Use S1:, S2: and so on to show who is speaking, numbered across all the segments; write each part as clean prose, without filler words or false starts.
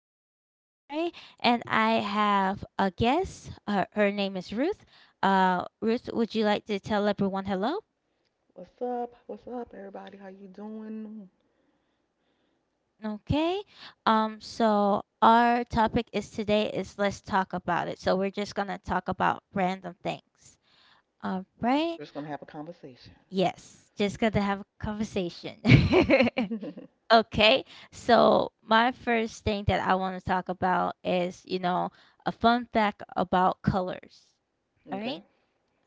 S1: always, Desiree, and I have a guest. Her name is Ruth. Ruth, would you like to tell everyone hello?
S2: What's up? What's up, everybody? How you doing?
S1: Okay. So our topic is today is let's talk about it. So we're just gonna talk about random things. All right.
S2: We're just gonna have a conversation.
S1: Yes. Just gonna have a conversation.
S2: Okay.
S1: Okay, so my first thing that I want to talk about is, a fun fact about colors. All right.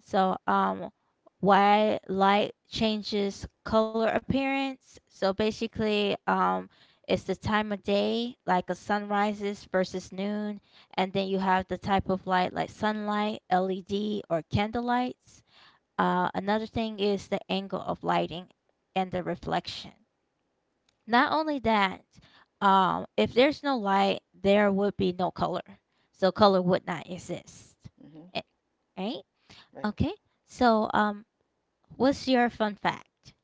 S1: So, why light changes color appearance. So basically, it's the time of day, like a sunrises versus noon, and then you have the type of light, like sunlight, LED, or candle lights. Another thing is the angle of lighting and the reflection. Not only that, if there's no light, there would be no color. So color would not exist.
S2: Hmm.
S1: Eh, Right?
S2: Right.
S1: Okay. So what's your fun fact?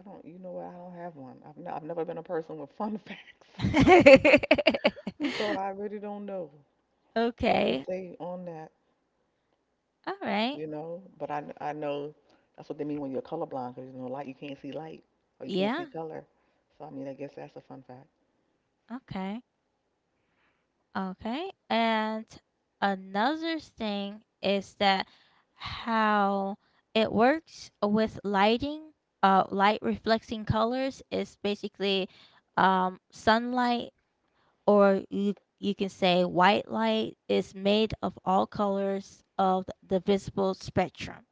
S2: I don't. You know what? I don't have one. I've never been a person with fun facts, so I really don't know what to
S1: Okay.
S2: say on that.
S1: All right.
S2: You know. But I know that's what they mean when you're colorblind, because you know light you can't see light or you can't see
S1: Yeah.
S2: color. So I mean, I guess that's a fun fact.
S1: Okay. Okay. And another thing is that how it works with lighting, light reflecting colors is basically sunlight, or you can say white light, is made of all colors of the visible spectrum.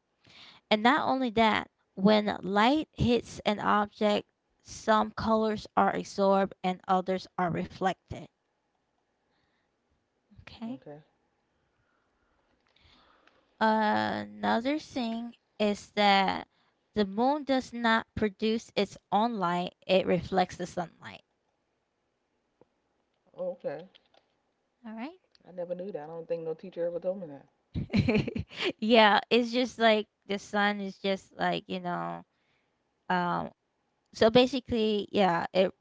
S1: And not only that, when light hits an object, some colors are absorbed and others are reflected. Okay.
S2: Okay.
S1: Another thing is that the moon does not produce its own light, it reflects the sunlight.
S2: Oh, okay.
S1: All
S2: I never knew that. I don't think no teacher ever told me that.
S1: right. Yeah, it's just like the sun is just like, um so basically, yeah, it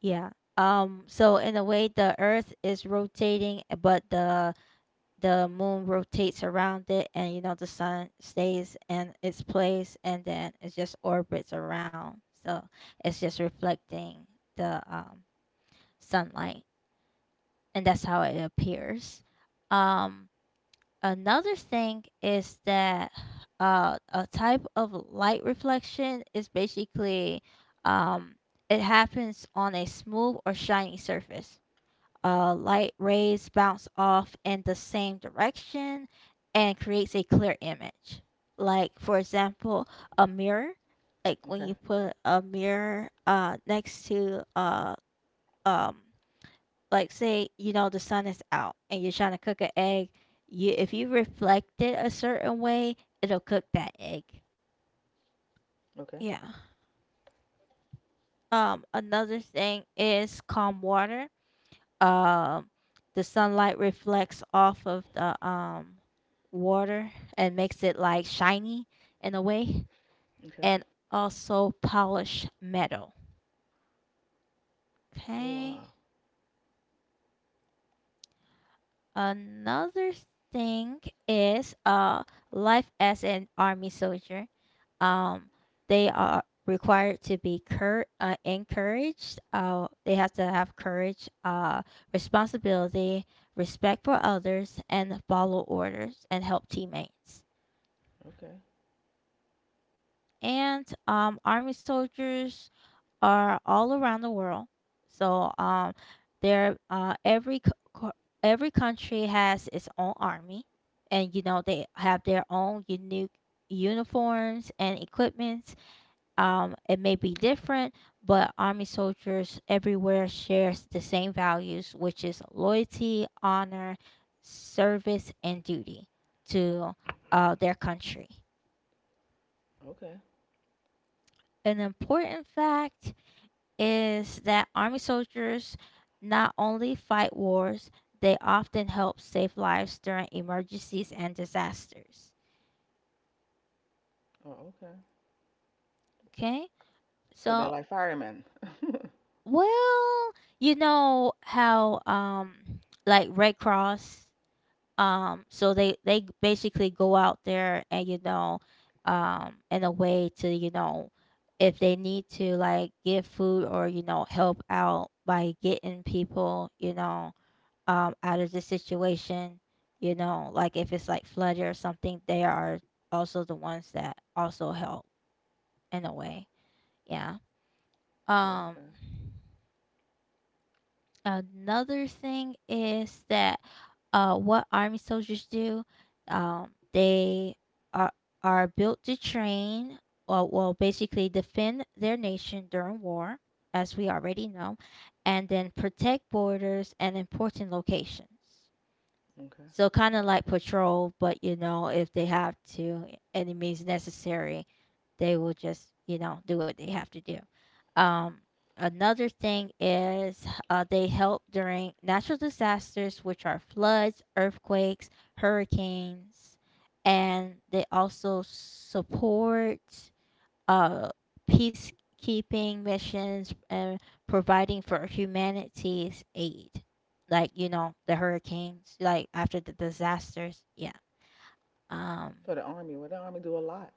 S1: yeah. So in a way the earth is rotating, but the moon rotates around it, and the sun stays in its place, and then it just orbits around. So it's just reflecting the sunlight, and that's how it appears. um, Another thing is that a type of light reflection is basically um, it happens on a smooth or shiny surface. Light rays bounce off in the same direction and creates a clear image. Like for example, a mirror. Like when
S2: Okay.
S1: you put a mirror next to um like say the sun is out and you're trying to cook an egg. You If you reflect it a certain way, it'll cook that egg.
S2: Okay.
S1: Yeah. Another thing is calm water. um the sunlight reflects off of the water and makes it like shiny in a way,
S2: Okay.
S1: and also polished metal.
S2: Oh,
S1: Okay.
S2: wow.
S1: Another thing is life as an army soldier. Um, they are required to be encouraged. They have to have courage, responsibility, respect for others, and follow orders and help teammates.
S2: Okay.
S1: And army soldiers are all around the world. So there, every c- co- every country has its own army, and they have their own unique uniforms and equipments. It may be different, but army soldiers everywhere shares the same values, which is loyalty, honor, service, and duty to their country.
S2: Okay.
S1: An important fact is that army soldiers not only fight wars, they often help save lives during emergencies and disasters.
S2: Oh, okay.
S1: Okay?
S2: So they're
S1: So,
S2: like firemen.
S1: well, you know how like Red Cross so they basically go out there, and in a way, to if they need to like give food, or help out by getting people, out of this situation. Like if it's like flooded or something, they are also the ones that also help in a
S2: Oh,
S1: way. Yeah.
S2: oh,
S1: Um,
S2: okay,
S1: Another thing is that what army soldiers do, they are built to train, or well, basically defend their nation during war, as we already know, and then protect borders and important locations.
S2: okay.
S1: So kind of like patrol, but if they have to, any means necessary, they will just do what they have to do. Um, Another thing is they help during natural disasters, which are floods, earthquakes, hurricanes, and they also support uh, peacekeeping missions and providing for humanity's aid, like the hurricanes, like after the disasters. Yeah. Um.
S2: For the army, well, the army do a lot.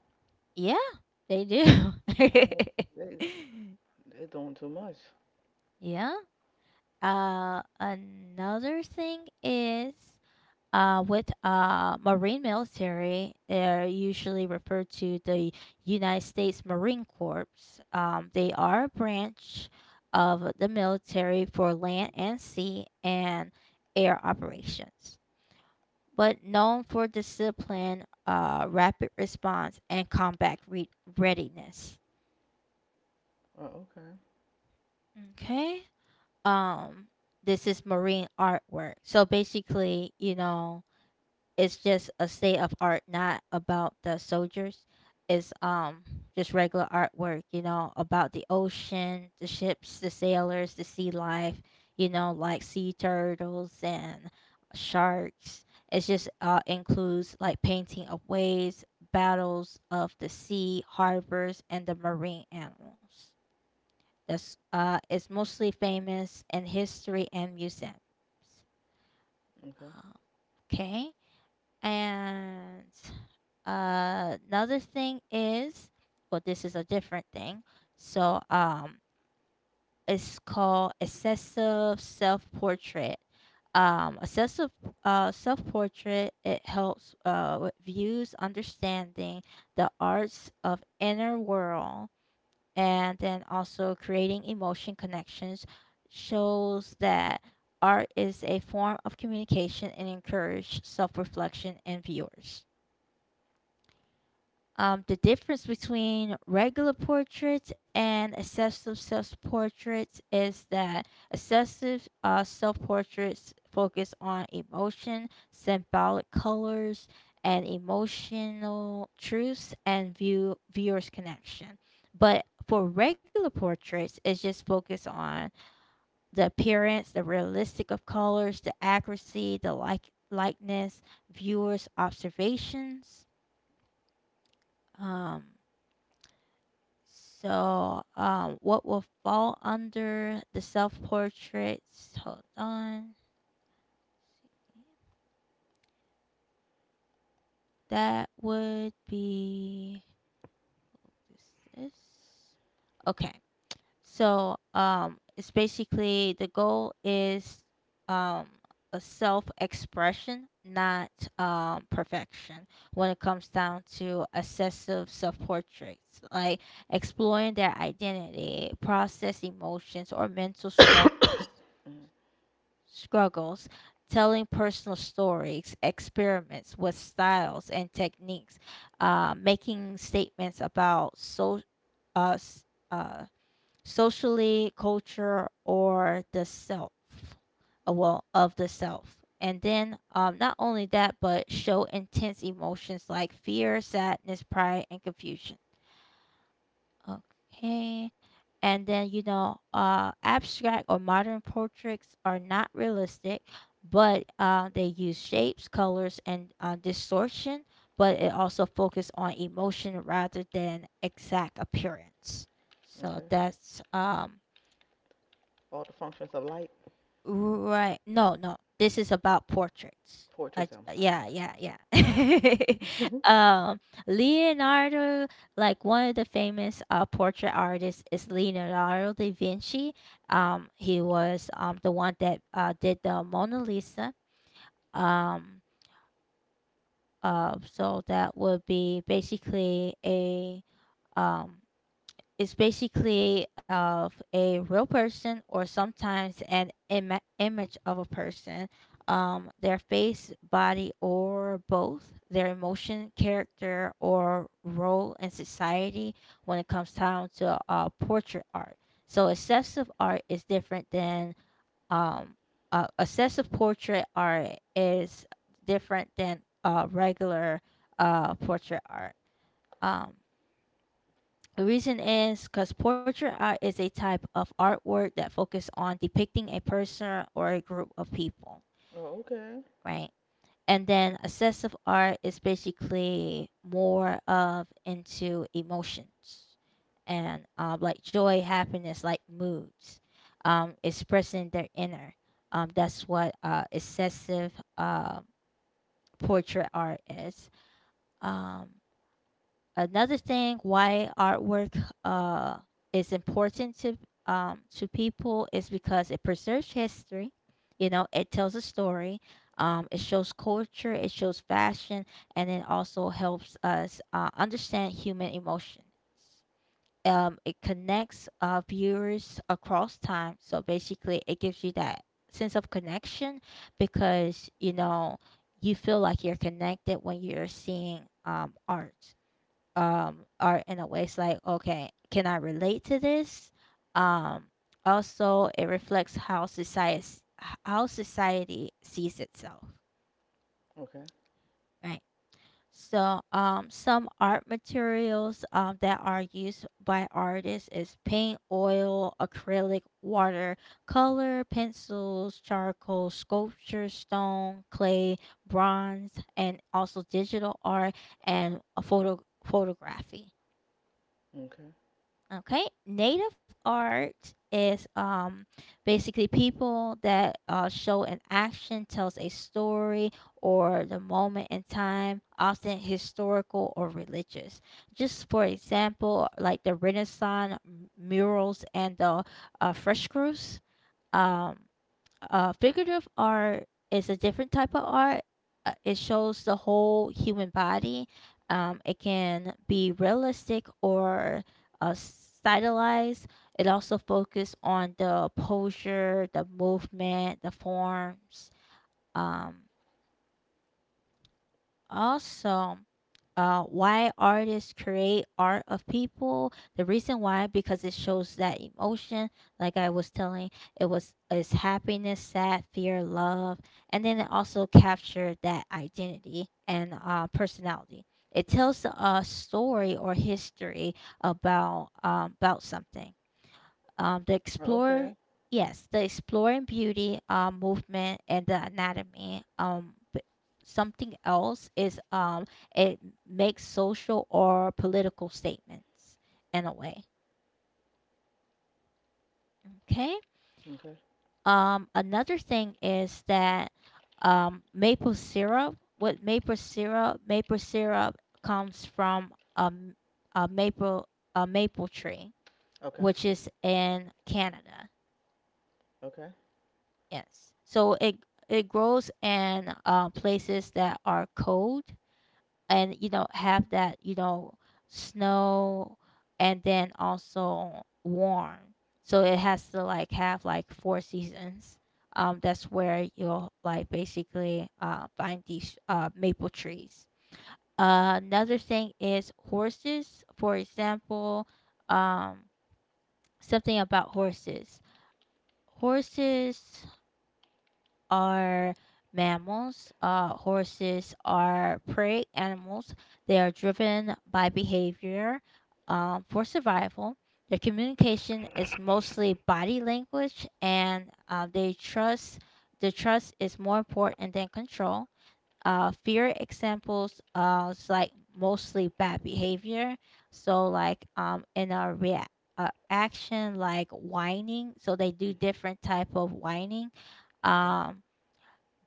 S1: Yeah, they
S2: I
S1: do.
S2: know they they doing too much.
S1: Yeah. Another thing is with Marine military, they're usually referred to the United States Marine Corps. They are a branch of the military for land and sea and air operations, but known for discipline, rapid response, and combat readiness.
S2: Oh, okay,
S1: Okay. Um, this is marine artwork. So basically, it's just a state of art, not about the soldiers. It's just regular artwork, about the ocean, the ships, the sailors, the sea life, like sea turtles and sharks. It's just includes like painting of waves, battles of the sea, harbors, and the marine animals. That's It's mostly famous in history and museums.
S2: okay,
S1: Okay. And another thing is, well, this is a different thing. So, it's called excessive self-portrait. Excessive self-portrait, it helps with views understanding the arts of inner world, and then also creating emotion connections, shows that art is a form of communication and encourage self-reflection in viewers. The difference between regular portraits and excessive self portraits is that excessive self portraits focus on emotion, symbolic colors, and emotional truths and viewers' connection. But for regular portraits, it's just focused on the appearance, the realistic of colors, the accuracy, the likeness, viewers' observations. Um, So, what will fall under the self portraits? Hold on. That would be this. Okay. So, it's basically the goal is um a self expression, not perfection. When it comes down to excessive self portraits, like exploring their identity, process emotions, or mental struggles.
S2: mm,
S1: struggles, telling personal stories, experiments with styles and techniques, making statements about uh, s- uh, socially, culture, or the self. Well, of the self. And then, not only that, but show intense emotions like fear, sadness, pride, and confusion. Okay. And then, abstract or modern portraits are not realistic, but they use shapes, colors, and distortion, but it also focuses on emotion rather than exact appearance. So
S2: okay.
S1: that's
S2: All the functions of light,
S1: Right. No, no. This is about portraits.
S2: portraits. I'm sorry,
S1: Yeah, yeah, yeah.
S2: sorry.
S1: um, Leonardo, like one of the famous portrait artists is Leonardo da Vinci. He was the one that did the Mona Lisa. Um, so that would be basically a um it's basically of a real person, or sometimes an image of a person, their face, body, or both, their emotion, character, or role in society when it comes down to portrait art. So, excessive art is different than um, excessive portrait art is different than regular portrait art. Um, the reason is because portrait art is a type of artwork that focuses on depicting a person or a group of people,
S2: Oh, okay,
S1: right? And then assessive art is basically more of into emotions, and like joy, happiness, like moods, expressing their inner. That's what excessive um portrait art is. Um, Another thing why artwork uh, is important to to people is because it preserves history. It tells a story. It shows culture. It shows fashion, and it also helps us understand human emotions. It connects viewers across time. So basically, it gives you that sense of connection, because you feel like you're connected when you're seeing art are in a way. It's like, okay, can I relate to this? um Also, it reflects how society sees itself,
S2: okay,
S1: right? So some art materials that are used by artists is paint, oil, acrylic, water color pencils, charcoal, sculpture, stone, clay, bronze, and also digital art, and a photo photography
S2: okay.
S1: Okay, native art is basically people that show an action, tells a story or the moment in time, often historical or religious. Just for example, like the Renaissance murals and the frescoes. Um, Figurative art is a different type of art. It shows the whole human body. It can be realistic or stylized. It also focuses on the posture, the movement, the forms. Um, Also, why artists create art of people. The reason why because it shows that emotion. Like I was telling, it's happiness, sad, fear, love, and then it also captured that identity and personality. It tells a story or history about about something, the
S2: Oh,
S1: explore
S2: okay,
S1: yes the exploring beauty, movement, and the anatomy. Something else is, it makes social or political statements in a way. Okay.
S2: okay,
S1: Another thing is that maple syrup comes from um, a maple a maple tree,
S2: okay,
S1: which is in Canada.
S2: okay,
S1: Yes. So it grows in places that are cold and have that snow and then also warm. So it has to like have like four seasons. That's where you'll like basically find these maple trees. Another thing is horses. For example, um, something about horses. Horses are mammals. Horses are prey animals. They are driven by behavior for survival. Their communication is mostly body language, and they trust. The trust is more important than control. Fear examples is like mostly bad behavior. So like in a react action like whining. So they do different type of whining.
S2: mm, okay,
S1: Um,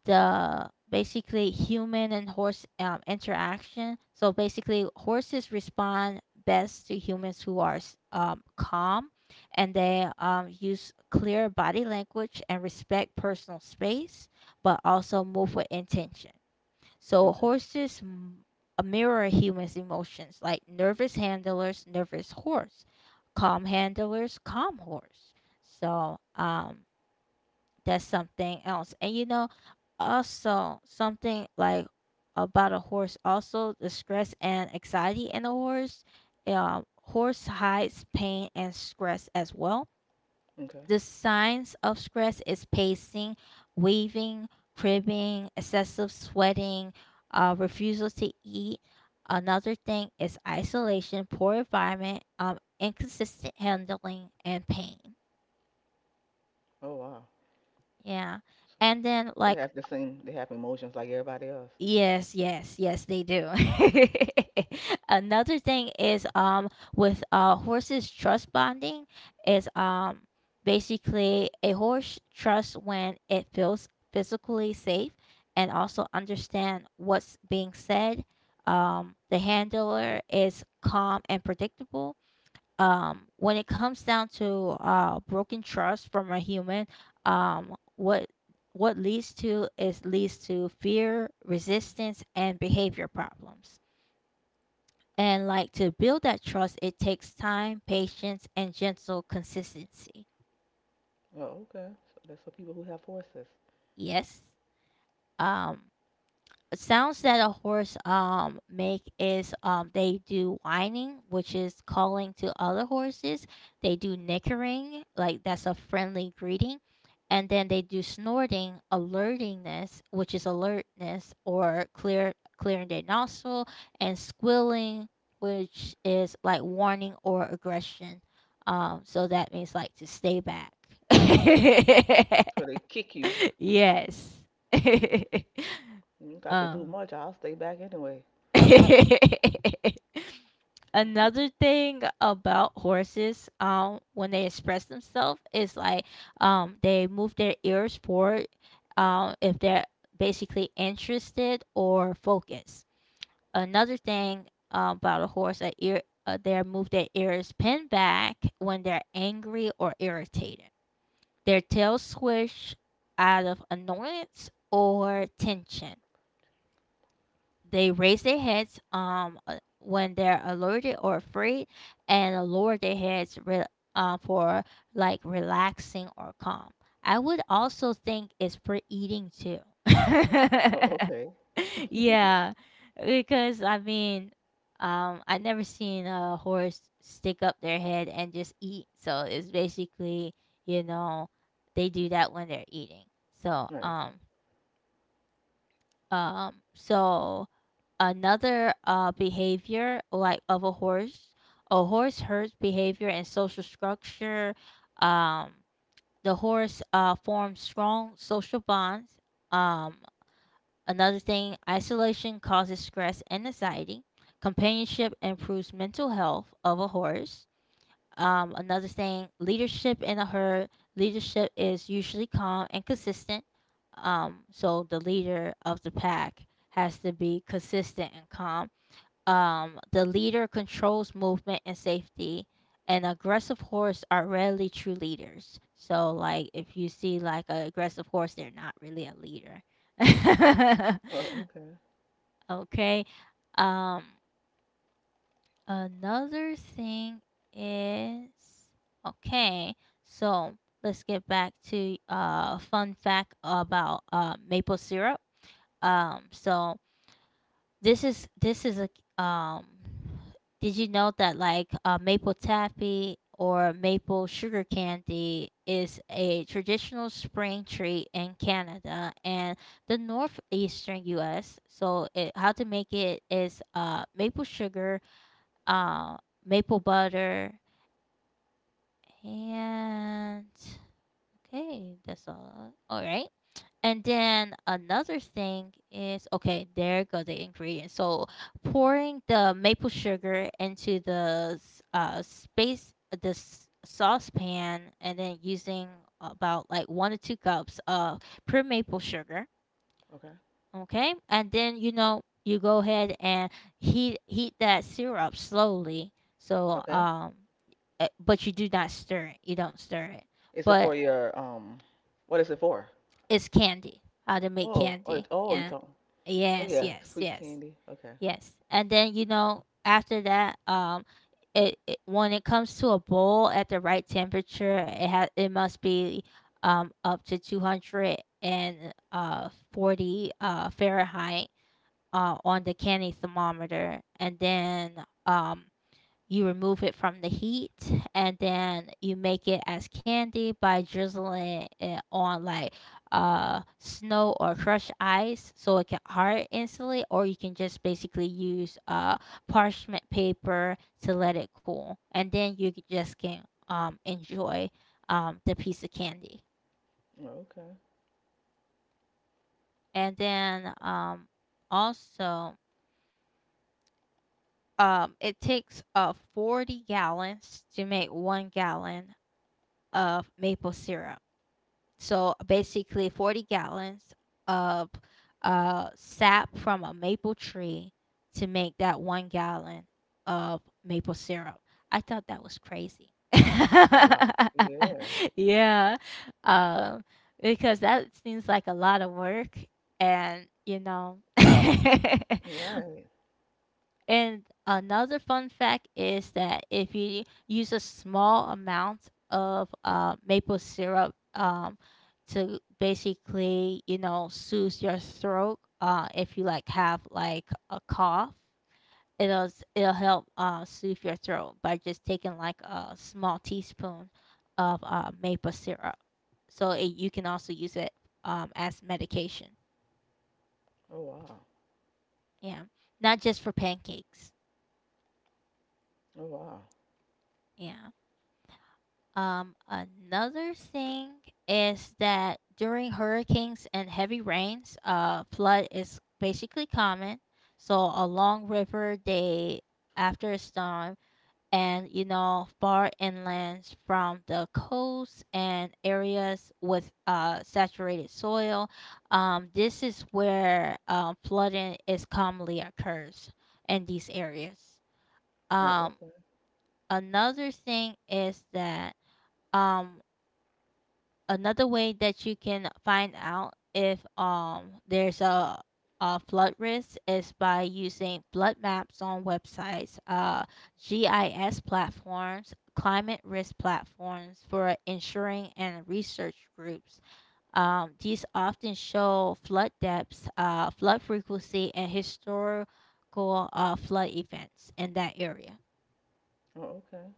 S1: the basically human and horse interaction. So basically, horses respond best to humans who are calm and they use clear body language and respect personal space, but also move with intention. So
S2: okay,
S1: horses mirror humans' emotions, like nervous handlers, nervous horse, calm handlers, calm horse. So that's something else. And also something like about a horse, also the stress and anxiety in a horse. Horse hides pain and stress as well.
S2: okay.
S1: The signs of stress is pacing, waving, cribbing, excessive sweating, refusal to eat. Another thing is isolation, poor environment, inconsistent handling, and pain.
S2: Oh, wow.
S1: Yeah.
S2: So,
S1: And then,
S2: they
S1: like.
S2: have the same. They have emotions like everybody else.
S1: Yes, yes, yes, they do. Another thing is with horses trust bonding is basically a horse trusts when it feels physically safe and also understand what's being said. The handler is calm and predictable. When it comes down to broken trust from a human, um what what leads to is leads to fear, resistance, and behavior problems. And like, to build that trust, it takes time, patience, and gentle consistency.
S2: Oh, okay. So that's for people who have horses.
S1: Yes. um Sounds that a horse make is they do whining, which is calling to other horses. They do nickering, like that's a friendly greeting, and then they do snorting, alertingness, which is alertness or clearing their nostril, and squealing, which is like warning or aggression. So that means like to stay back.
S2: So they kick you.
S1: Yes.
S2: You ain't got to do
S1: um
S2: much. I'll stay back anyway.
S1: Another thing about horses, when they express themselves is like, they move their ears forward, if they're basically interested or focused. Another thing about a horse, a ear, they move their ears pinned back when they're angry or irritated. Their tails swish out of annoyance or tension. They raise their heads when they're alerted or afraid, and lower their heads for like relaxing or calm. I would also think it's for eating too.
S2: Oh, okay.
S1: Yeah, because I mean I never seen a horse stick up their head and just eat, so it's basically, you know they do that when they're eating, so
S2: Right.
S1: um, so another behavior like of a horse. A horse herds behavior and social structure. Um, the horse forms strong social bonds. Um, another thing, isolation causes stress and anxiety. Companionship improves mental health of a horse. Another thing, leadership in a herd. Leadership is usually calm and consistent. So the leader of the pack has to be consistent and calm. The leader controls movement and safety. And aggressive horse are rarely true leaders. So like if you see like an aggressive horse, they're not really a leader.
S2: Oh, okay.
S1: Okay. Um, Another thing is okay. So let's get back to a fun fact about maple syrup. So this is a. Did you know that like maple taffy or maple sugar candy is a traditional spring treat in Canada and the northeastern U.S.? So it, how to make it is maple sugar, uh, maple butter, and okay, that's all. All right. And then another thing is okay, there go the ingredients. So pouring the maple sugar into the space, this saucepan, and then using about like 1 to 2 cups of pure maple sugar.
S2: Okay.
S1: Okay, and then you know, you go ahead and heat that syrup slowly, so
S2: Okay.
S1: but you do not stir it, you don't stir it,
S2: Is it
S1: but
S2: for your um? What is it for?
S1: it's candy. How to make
S2: Oh, oh,
S1: candy.
S2: it- oh, you
S1: Yeah.
S2: talking? Oh
S1: Yes,
S2: yeah,
S1: yes,
S2: sweet
S1: yes.
S2: candy. Okay.
S1: Yes, and then you know after that, it, when it comes to a bowl at the right temperature, it has, it must be up to 200 and 40 Fahrenheit on the candy thermometer, and then, um, you remove it from the heat, and then you make it as candy by drizzling it on like snow or crushed ice so it can hard instantly, or you can just basically use parchment paper to let it cool, and then you just can enjoy the piece of candy.
S2: Oh, okay.
S1: And then also. It takes 40 gallons to make 1 gallon of maple syrup. So basically, 40 gallons of sap from a maple tree to make that 1 gallon of maple syrup. I thought that was crazy.
S2: Wow. Yeah.
S1: Yeah, um, because that seems like a lot of work, and you know.
S2: Right.
S1: And another fun fact is that if you use a small amount of maple syrup to basically, soothe your throat, if you like have like a cough, it'll it'll help soothe your throat by just taking like a small teaspoon of maple syrup. So it, you can also use it as medication.
S2: Oh, wow.
S1: Yeah, not just for pancakes.
S2: Oh, wow.
S1: Yeah. Another thing is that during hurricanes and heavy rains, flood is basically common. So along river day after a storm, and you know far inland from the coast and areas with saturated soil, this is where flooding is commonly occurs in these areas.
S2: Oh,
S1: Um,
S2: okay.
S1: another thing is that um another way that you can find out if there's a flood risk is by using flood maps on websites, GIS platforms, climate risk platforms for ensuring and research groups. These often show flood depths, flood frequency, and historical flood events in that area.
S2: Oh, okay.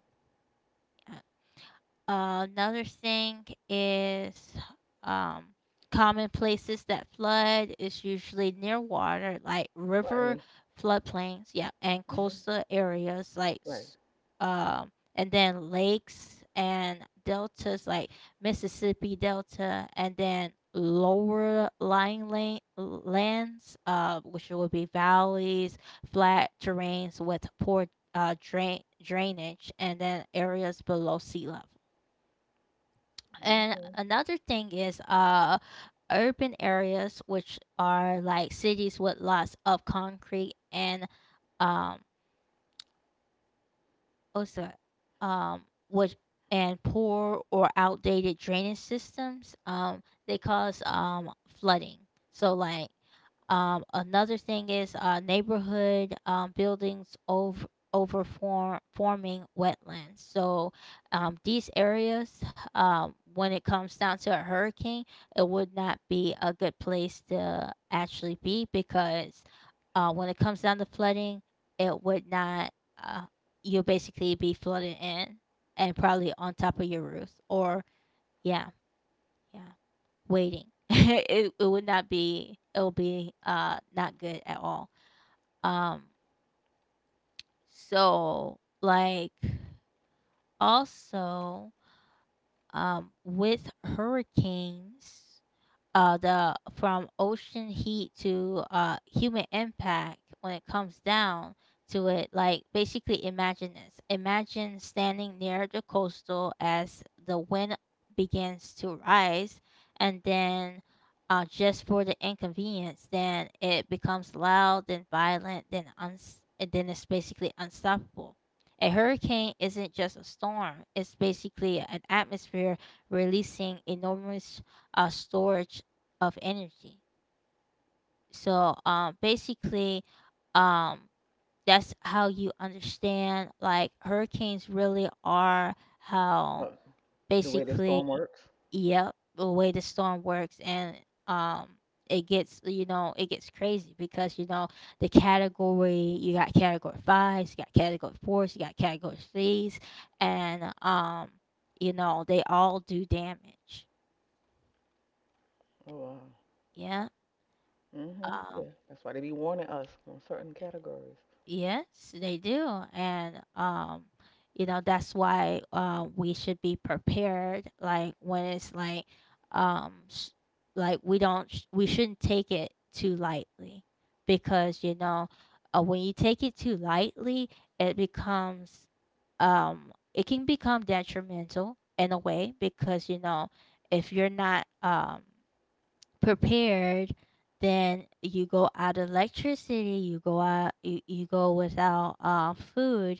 S1: Another thing is um, common places that flood is usually near water, like river
S2: Right.
S1: floodplains, yeah, and
S2: Mhm.
S1: coastal areas, like
S2: Right.
S1: and then lakes and deltas, like Mississippi Delta, and then lower lying lands, which would be valleys, flat terrains with poor drainage, and then areas below sea level. And
S2: Okay.
S1: another thing is urban areas, which are like cities with lots of concrete and um what's that, um which and poor or outdated drainage systems, they cause, flooding. So like, another thing is neighborhood, buildings over forming wetlands. So these areas, when it comes down to a hurricane, it would not be a good place to actually be, because when it comes down to flooding, it would not. Uh, you'll basically be flooded in, and probably on top of your roof, or yeah, yeah, waiting. It would not be. It will be not good at all. Um so like, also, with hurricanes, the from ocean heat to human impact, when it comes down to it, like basically imagine this, imagine standing near the coastal as the wind begins to rise, and then just for the inconvenience, then it becomes loud, then violent, then and then it's basically unstoppable. A hurricane isn't just a storm, it's basically an atmosphere releasing enormous storage of energy. So basically, um that's how you understand like hurricanes really are, how
S2: Oh, the way the
S1: basically,
S2: storm works.
S1: yep, the way the storm works. And um it gets crazy, because the category, you got category fives, you got category fours, you got category threes, and you know they all do damage.
S2: Oh, wow.
S1: Yeah.
S2: Mhm. Yeah.
S1: um
S2: That's why they be warning us on certain categories.
S1: Yes, they do. And you know that's why we should be prepared, like when it's like s like we don't sh- we shouldn't take it too lightly because you know, when you take it too lightly it becomes it can become detrimental in a way because you know, if you're not prepared, then you go out of electricity, you go out, you go without food.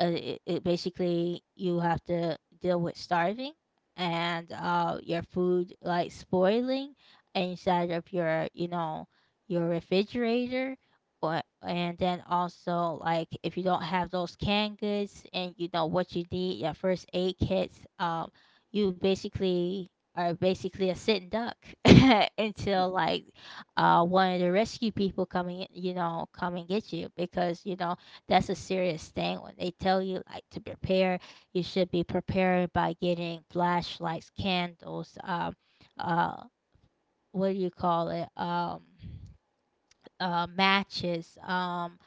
S1: It basically you have to deal with starving, and your food like spoiling inside of your, your refrigerator. Or, and then also, like, if you don't have those canned goods, and, you know, what you need, your first aid kits, you basically are basically a sitting duck
S2: Hmm.
S1: until, like, one of the rescue people, you know, come and get you, because, you know, that's a serious thing when they tell you, like, to prepare. You should be prepared by getting flashlights, candles, uh what do you call it, matches, um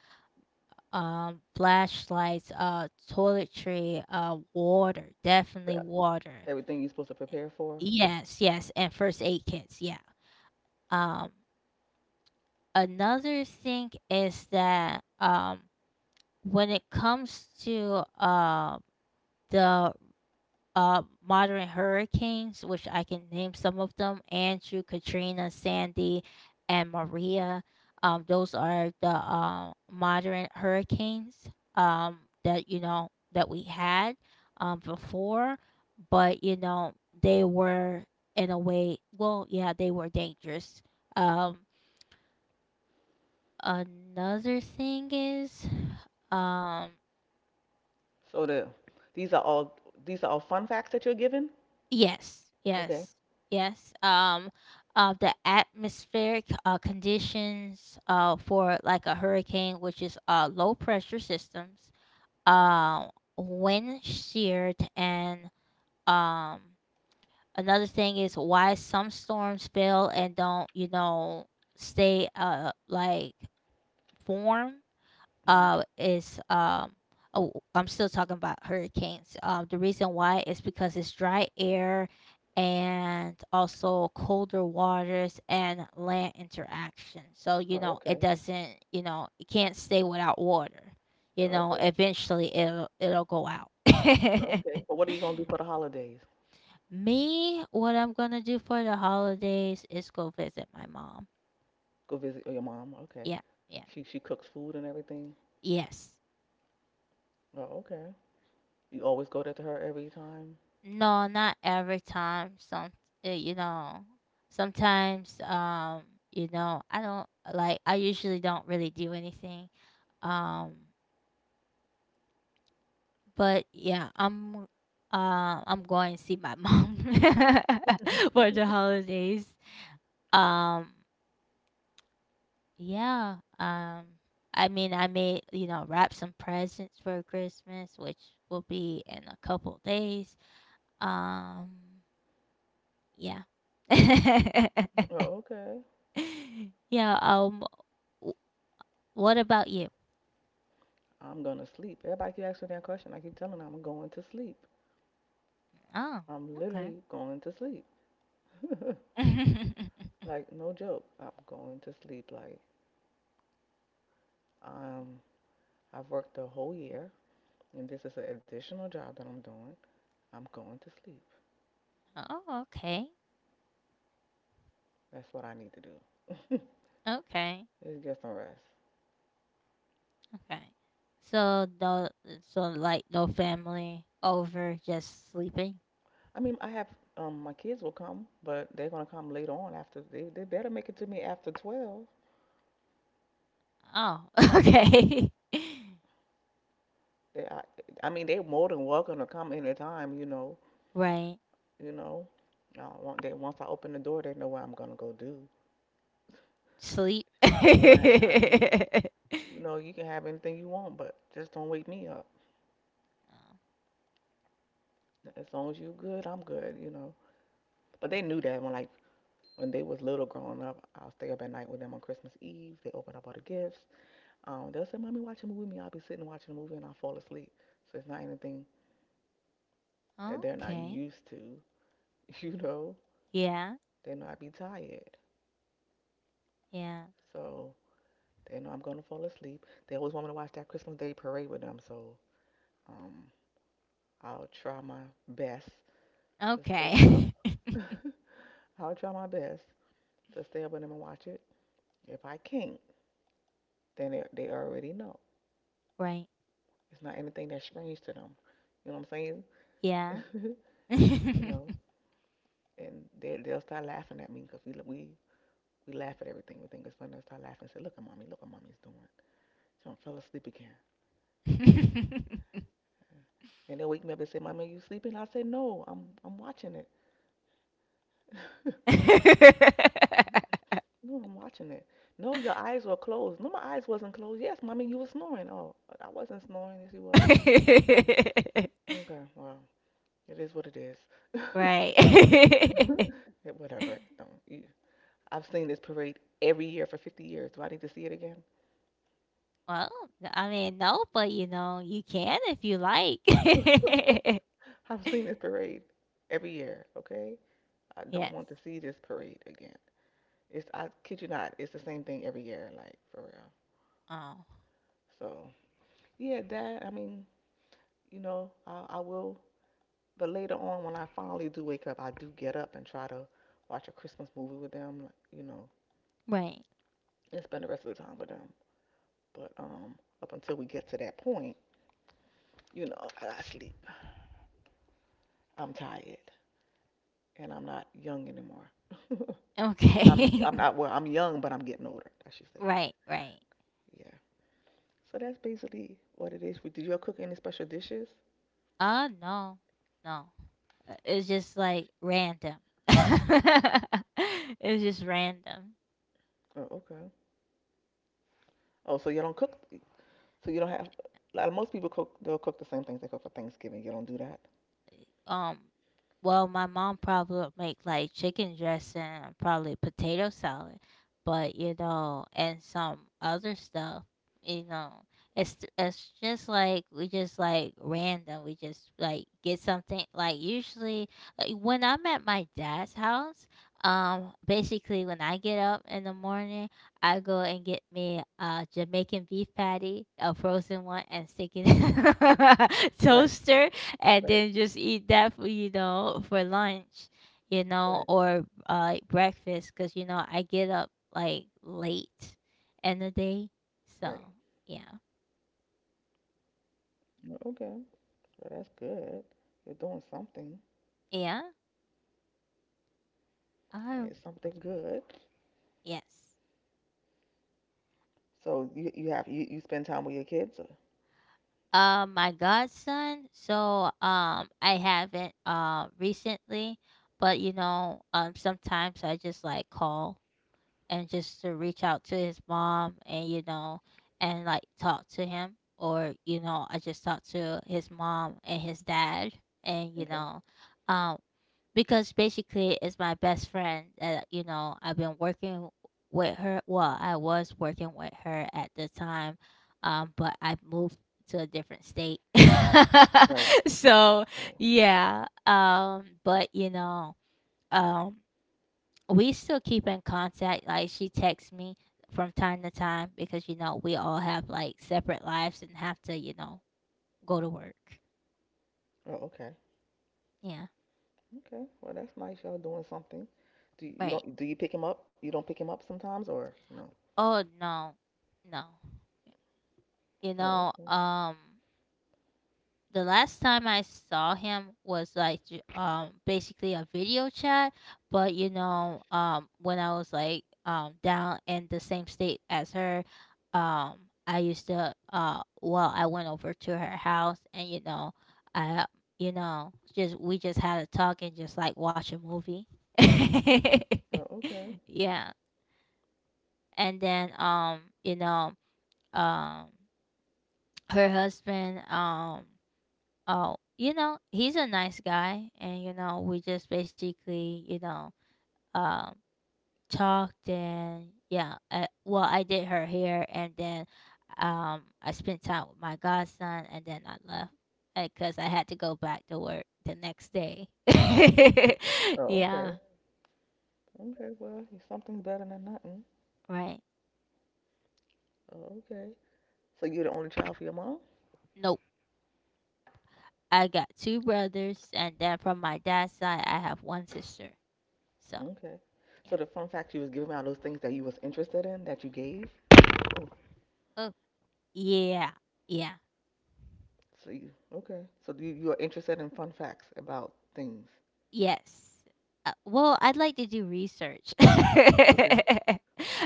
S1: um flashlights, toiletry, water, definitely
S2: Yeah,
S1: water.
S2: everything you're supposed to prepare for.
S1: Yes, yes, and first aid kits, yeah. um Another thing is that, when it comes to the modern hurricanes, which I can name some of them: Andrew, Katrina, Sandy, and Maria. Those are the modern hurricanes that, you know, that we had, before, but, you know, they were, in a way, well, yeah, they were dangerous. Um, Another thing is um
S2: So these are all these are all fun facts that you're given?
S1: yes,
S2: Okay.
S1: yes, yes. The atmospheric conditions for, like, a hurricane, which is low pressure systems, uh wind sheared, and um another thing is why some storms fail and don't, you know, stay like form,
S2: Mhm.
S1: is um oh, I'm still talking about hurricanes. The reason why is because it's dry air, and also colder waters and land interaction. So,
S2: Oh,
S1: you know, it
S2: okay.
S1: doesn't, you know, it can't stay without water. You
S2: Oh,
S1: know,
S2: okay.
S1: eventually it'll go out.
S2: Oh, okay. But what are you gonna do for the holidays?
S1: Me, what I'm gonna do for the holidays is go visit my mom.
S2: Go visit your mom. Okay.
S1: Yeah, yeah.
S2: She cooks food and everything.
S1: Yes.
S2: Oh, okay. You always go there to her every time.
S1: No, not every time. Some, you know, sometimes, you know, I don't like. I usually don't really do anything. Um, but yeah, I'm going to see my mom for the holidays. Um, yeah. I mean, I may, you know, wrap some presents for Christmas, which will be in a couple days. Um, yeah.
S2: Oh, okay.
S1: Yeah, w what about you?
S2: I'm gonna sleep. Everybody keep asking me that question. I keep telling them I'm going to sleep.
S1: Oh,
S2: I'm
S1: okay.
S2: literally going to sleep. Like no joke. I'm going to sleep. Like um, I've worked the whole year, and this is an additional job that I'm doing. I'm going to sleep.
S1: Oh, okay.
S2: That's what I need to do.
S1: Okay.
S2: Is get some rest.
S1: Okay. So no, so, like, no family over, just sleeping.
S2: I mean, I have my kids will come, but they're gonna come later on after they better make it to me after 12.
S1: Oh, okay.
S2: They I, I mean they're more than welcome to come anytime. You know,
S1: Right.
S2: you know. They, once I open the door, they know what I'm gonna go do.
S1: Sleep.
S2: Right? I mean, you know, you can have anything you want, but just don't wake me up. As long as you good, I'm good. You know. But they knew that when like when they was little growing up, I'll stay up at night with them on Christmas Eve. They open up all the gifts. They'll say, "Mommy, watch a movie." With me, I'll be sitting watching a movie and I will fall asleep. So it's not anything that
S1: Oh,
S2: they're not
S1: okay.
S2: used to. You know,
S1: Yeah.
S2: they know I be tired,
S1: Yeah.
S2: so they know I'm gonna fall asleep. They always want me to watch that Christmas Day parade with them, so um, I'll try my best to stay up.
S1: Okay.
S2: I'll try my best to stay up with them and watch it. If I can't, then they already know.
S1: Right.
S2: It's not anything that's strange to them. You know what I'm saying?
S1: Yeah.
S2: You know, and they they'll start laughing at me because we laugh at everything. We think it's funny. I start laughing and say, look at mommy. Look what mommy's doing. She done fell asleep again. And they wake me up and say, mommy, are you sleeping? I say, no, I'm watching it. No, I'm watching it. No, your eyes were closed. No, my eyes wasn't closed. Yes, mommy, you were snoring. Oh, I wasn't snoring. Yes, you was. Okay. Okay. Well, it is what it is.
S1: Right.
S2: Yeah, whatever. Don't. I've seen this parade every year for 50 years. Do I need to see it again?
S1: Well, I mean, no, but you know, you can if you like.
S2: I've seen this parade every year. Okay. I don't
S1: Yes.
S2: want to see this parade again. It's, I kid you not, it's the same thing every year, like for real.
S1: Oh,
S2: So yeah, that I mean, you know, I will. But later on, when I finally do wake up, I do get up and try to watch a Christmas movie with them, like, you know,
S1: right.
S2: and spend the rest of the time with them. But up until we get to that point, you know, I gotta sleep. I'm tired and I'm not young anymore. I'm
S1: Okay.
S2: I'm not well. I'm young, but I'm getting older, I should say.
S1: Right, right.
S2: Yeah. So that's basically what it is. Did you all cook any special dishes?
S1: No. No. It's just like random. It's just random.
S2: Oh, okay. Oh, so you don't cook? So you don't have, like most people cook, they'll cook the same things they cook for Thanksgiving. You don't do that.
S1: um well, my mom probably would make, like, chicken dressing and probably potato salad. But, you know, and some other stuff, you know, it's just like, we just like random, we just like get something, like, usually, like, when I'm at my dad's house. Basically when I get up in the morning, I go and get me a Jamaican beef patty, a frozen one, and stick it in
S2: Right,
S1: toaster, and
S2: right,
S1: then just eat that for, you know, for lunch, you know,
S2: right.
S1: or like breakfast, because, you know, I get up like late in the day. So
S2: Right.
S1: yeah.
S2: Mm, okay. Well, that's good. You're doing something.
S1: yeah uh,
S2: It's something good.
S1: yes.
S2: So you spend time with your kids? Or-
S1: My godson, so I haven't, recently, but, you know, sometimes I just like call and just to reach out to his mom, and, you know, and, like, talk to him, or, you know, I just talked to his mom and his dad. And, you
S2: okay.
S1: know, um because basically it's my best friend that, you know, I've been working with her. Well, I was working with her at the time. But I moved to a different state.
S2: Right.
S1: So
S2: Right.
S1: yeah. But, you know, um we still keep in contact. Like, she texts me from time to time because, you know, we all have, like, separate lives and have to, you know, go to work.
S2: Oh, okay.
S1: Yeah.
S2: Okay. Well, that's nice. Y'all doing something. Do you, you
S1: Right.
S2: don't, do you pick him up? You don't pick him up sometimes or no?
S1: Oh no, no. You
S2: Oh,
S1: know,
S2: okay.
S1: the last time I saw him was, like, basically a video chat, but, you know, when I was, like, down in the same state as her, um I used to well, I went over to her house, and, you know, I you know just we just had a talk and just, like, watch a movie.
S2: Oh, okay.
S1: Yeah, and then, you know, um her husband, oh, you know, he's a nice guy, and, you know, we just basically, you know, um, talked and yeah. Well, I did her hair, and then, I spent time with my godson, and then I left because I had to go back to work the next day.
S2: Oh,
S1: Yeah,
S2: okay. Okay. Well, something's better than nothing.
S1: right.
S2: Oh, okay. So you're the only child for your mom?
S1: Nope. I got two brothers, and then from my dad's side, I have one sister. So
S2: Okay. So
S1: yeah.
S2: the fun fact you was giving me are those things that you was interested in that you gave. Oh,
S1: Oh yeah, yeah.
S2: so you okay? So you are interested in fun facts about things.
S1: Yes. Well, I'd like to do research.
S2: Okay.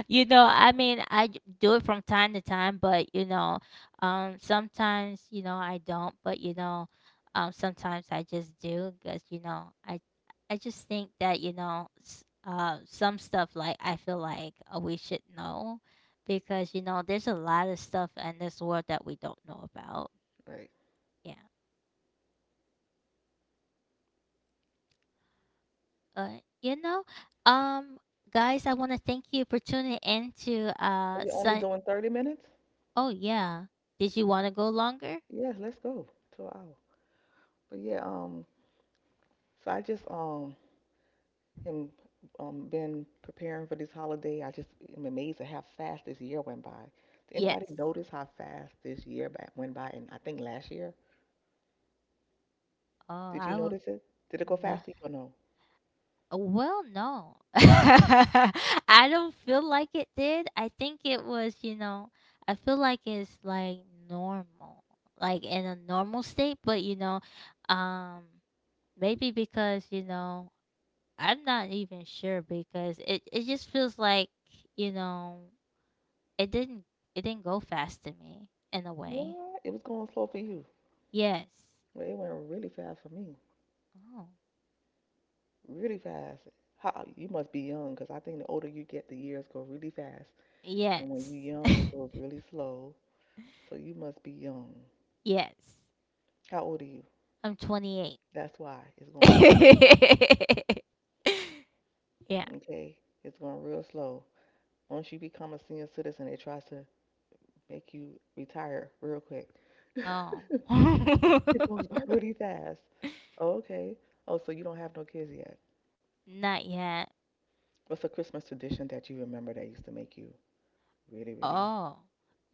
S1: You know, I mean, do it from time to time, but, you know, sometimes, you know, I don't, but, you know, sometimes I just do because, you know, I just think that, you know, some stuff, like, I feel like, we should know because, you know, there's a lot of stuff in this world that we don't know about.
S2: Right.
S1: Yeah. uh, you know, um, guys, I want to thank you for tuning in to
S2: Are you only
S1: Sun.
S2: doing 30 minutes?
S1: Oh yeah, did you want to go longer?
S2: Yes. Let's go to an hour. But yeah. So I just am been preparing for this holiday. I just am amazed at how fast this year went by. Did anybody
S1: Yes.
S2: notice how fast this year went by? And I think last year.
S1: Oh,
S2: Did you
S1: I will.
S2: notice it? Did it go
S1: No.
S2: fast for you or no?
S1: Well, no, I don't feel like it did. I think it was, you know, I feel like it's like normal, like in a normal state. But, you know, um, maybe because, you know, I'm not even sure because it just feels like, you know, It didn't it didn't go fast to me in a way.
S2: What? It was going slow for you.
S1: Yes.
S2: Well, it went really fast for me,
S1: Oh.
S2: really fast. How, you must be young, 'cause I think the older you get, the years go really fast. And when
S1: Yes.
S2: you're young, it goes really slow. So you must be young.
S1: Yes.
S2: How old are you?
S1: I'm 28.
S2: That's why it's going real.
S1: Yeah.
S2: Okay, it's going real slow. Once you become a senior citizen, it tries to make you retire real quick.
S1: Oh.
S2: It goes by really fast. Oh, okay. Oh, so you don't have no kids yet.
S1: Not yet.
S2: What's a Christmas tradition that you remember that used to make you really, really
S1: Oh.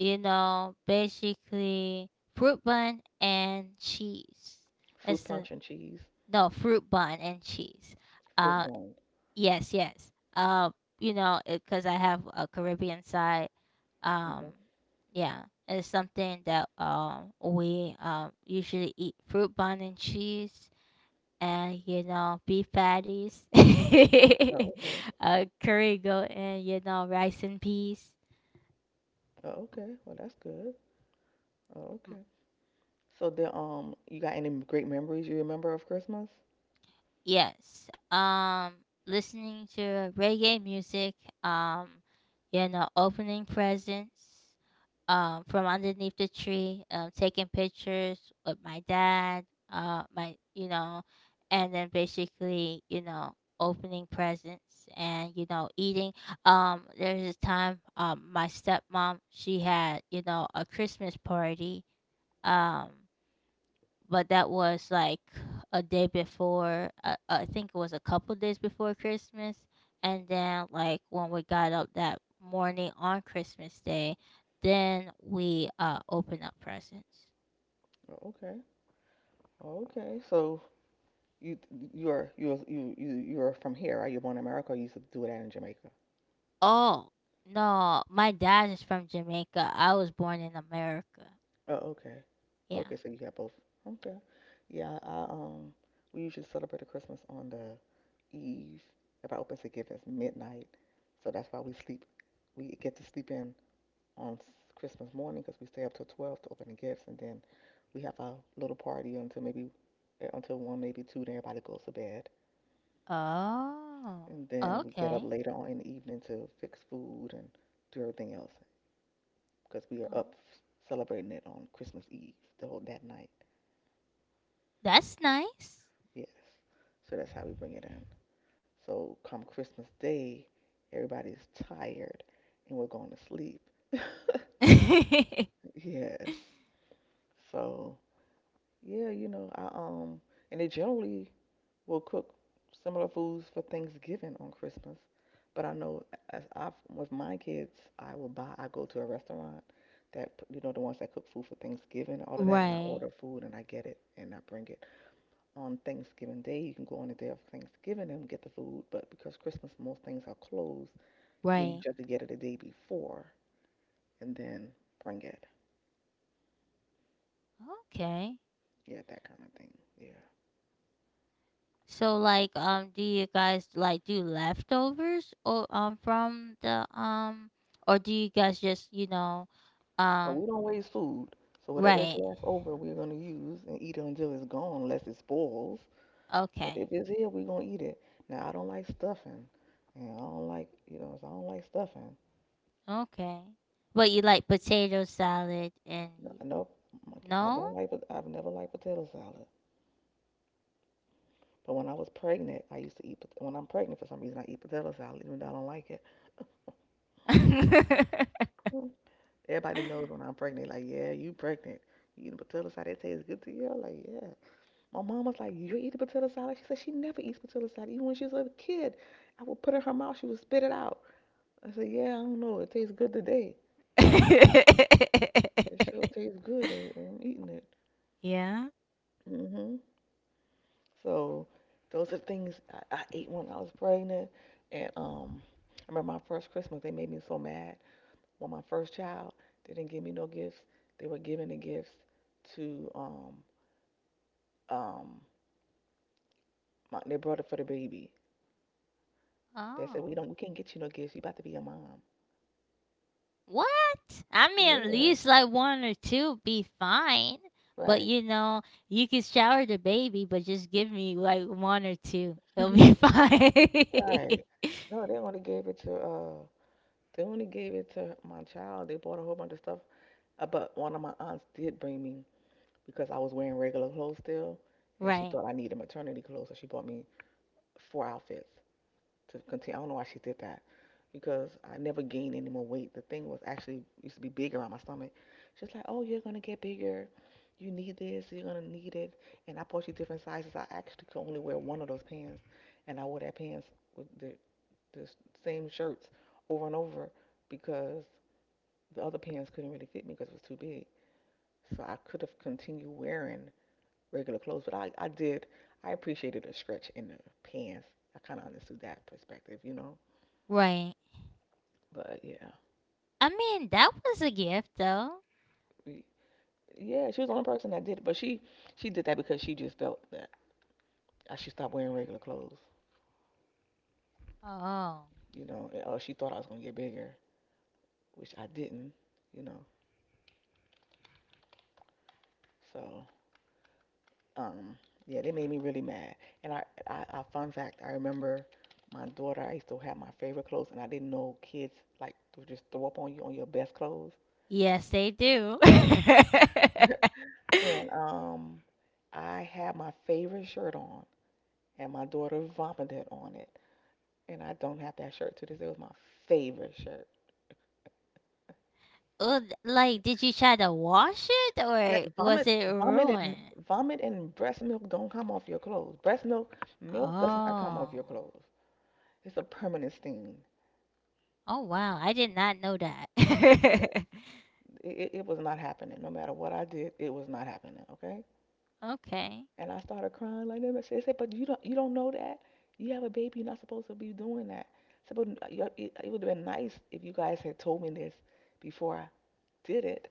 S1: You know, basically fruit bun and cheese.
S2: food
S1: It's the
S2: punch and cheese?
S1: No, fruit bun and cheese.
S2: Foot
S1: Uh
S2: bone.
S1: Yes, yes. You know, because I have a Caribbean side. Um,
S2: Okay.
S1: yeah, it's something that we usually eat fruit bun and cheese, and, you know, beef patties,
S2: Oh, okay.
S1: curry goat, and, you know, rice and peas.
S2: Oh, okay. Well, that's good. Oh, okay. So then, you got any great memories you remember of Christmas?
S1: Yes. Listening to reggae music, um you know, opening presents from underneath the tree, taking pictures with my dad, uh my you know, and then basically, you know, opening presents and, you know, eating. There's a time my stepmom, she had, you know, a Christmas party. Um but that was like a day before, I think it was a couple days before Christmas, and then, like, when we got up that morning on Christmas Day, then we opened up presents.
S2: Oh, okay. Oh, okay. So you you're from here, right? You're born in America. Or you used to do that in Jamaica.
S1: Oh no, my dad is from Jamaica. I was born in America.
S2: Oh, okay.
S1: Yeah.
S2: Okay. So you got both. Okay. Yeah. I we usually celebrate the Christmas on the eve. If I open to give, it's midnight. So that's why we sleep. We get to sleep in on Christmas morning because we stay up till 12 to open the gifts, and then we have our little party until maybe eh, until one, maybe two. Then everybody goes to bed, and
S1: Oh,
S2: then we get up
S1: okay.
S2: later on in the evening to fix food and do everything else because we are
S1: Oh,
S2: up celebrating it on Christmas Eve, the whole that night.
S1: that's nice.
S2: Yes, so that's how we bring it in. So come Christmas Day, everybody's tired and we're going to sleep. Yes. So yeah, you know, I and it generally will cook similar foods for Thanksgiving on Christmas. But I know as I, with my kids, I will buy. I go to a restaurant that, you know, the ones that cook food for Thanksgiving, all of that, and I
S1: Right,
S2: order food and I get it and I bring it on Thanksgiving Day. You can go on the day of Thanksgiving and get the food, but because Christmas most things are closed, you
S1: right.
S2: just have to get it the day before and then bring it.
S1: Okay.
S2: Yeah, that kind of thing. Yeah,
S1: So, like, do you guys like do leftovers, or from the or do you guys just, you know,
S2: but
S1: um
S2: we don't waste food. So whatever is
S1: right.
S2: left over, we're gonna use and eat it until it's gone, unless it spoils. But if
S1: Okay.
S2: it's here, we gonna eat it. Now I don't like stuffing, and I don't like, you know, so I don't like stuffing.
S1: Okay. But you like potato salad and
S2: No, nope. I
S1: no?
S2: don't like I've never liked potato salad. But when I was pregnant, I used to eat when I'm pregnant, for some reason, I eat potato salad, even though I don't like it. Mm. Everybody knows when I'm pregnant. Like, yeah, you pregnant. You eating potato salad. It tastes good to you. I'm like, yeah. My mom was like, you eat potato salad. She said she never eats potato salad. Even when she was a kid, I would put it in her mouth. She would spit it out. I said, yeah, I don't know. It tastes good today. It sure tastes good. I'm eating it.
S1: Yeah.
S2: Hmm So those are things I ate when I was pregnant. And I remember my first Christmas, they made me so mad. When my first child, they didn't give me no gifts. They were giving the gifts to um. They brought it for the baby. They said,
S1: Oh.
S2: we can't get you no gifts. You about to be a mom."
S1: What? I mean, at
S2: Yeah,
S1: least like one or two be fine. But,
S2: right,
S1: you know, you can shower the baby, but just give me like one or two. It'll be fine.
S2: right. No, they only gave it to they only gave it to my child. They bought a whole bunch of stuff. But one of my aunts did bring me, because I was wearing regular clothes still, and she
S1: Right,
S2: thought I needed maternity clothes, so she bought me four outfits to continue. I don't know why she did that because I never gained any more weight. The thing was actually used to be bigger on my stomach. She's like, "Oh, you're gonna get bigger. You need this. You're gonna need it." And I bought you different sizes. I actually could only wear one of those pants, and I wore that pants with the same shirts over and over because the other pants couldn't really fit me because it was too big. So I could have continued wearing regular clothes, but I did. I appreciated a stretch in the pants. I kind of understood that perspective, you know.
S1: right.
S2: But yeah,
S1: I mean, that was a gift though.
S2: we, yeah, she was the only person that did it. But she did that because she just felt that I should stop wearing regular clothes,
S1: Oh,
S2: you know. Or she thought I was gonna get bigger, which I didn't, you know. So um, yeah, they made me really mad. And I, I fun fact, I remember my daughter. I used to have my favorite clothes, and I didn't know kids like to just throw up on you on your best clothes.
S1: yes, they do.
S2: And I had my favorite shirt on, and my daughter vomited on it. And I don't have that shirt to this day. It was my favorite shirt.
S1: Oh, like, did you try to wash it
S2: That
S1: or was
S2: vomit,
S1: it
S2: vomit, and
S1: ruined?
S2: vomit and breast milk don't come off your clothes. Breast milk, milk does not come off
S1: Oh,
S2: your clothes. It's a permanent stain.
S1: oh wow, I did not know that.
S2: Yeah, it was not happening. No matter what I did, it was not happening. Okay.
S1: Okay.
S2: And I started crying like that. They said, "But you don't know that. You have a baby. You're not supposed to be doing that." I said, "But you- it would have been nice if you guys had told me this before I did it.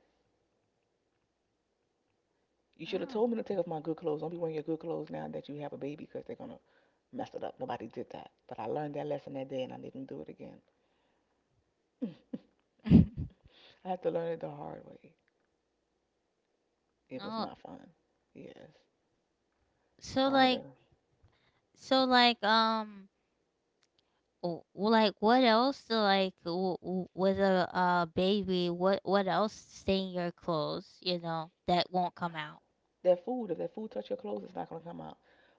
S2: You should have
S1: Oh.
S2: told me to take off my good clothes. Don't be wearing your good clothes now that you have a baby because they 'cause they're gonna mess it up. Nobody did that. But I learned that lesson that day, and I didn't do it again. I had to learn it the hard way. It was
S1: Oh,
S2: not fun. Yes,
S1: so like,
S2: vomiting.
S1: so, like, like, what else? Like, with a baby, what else stay in your clothes? You know that won't come out.
S2: Their food. If their food touch your clothes, it's not gonna come out.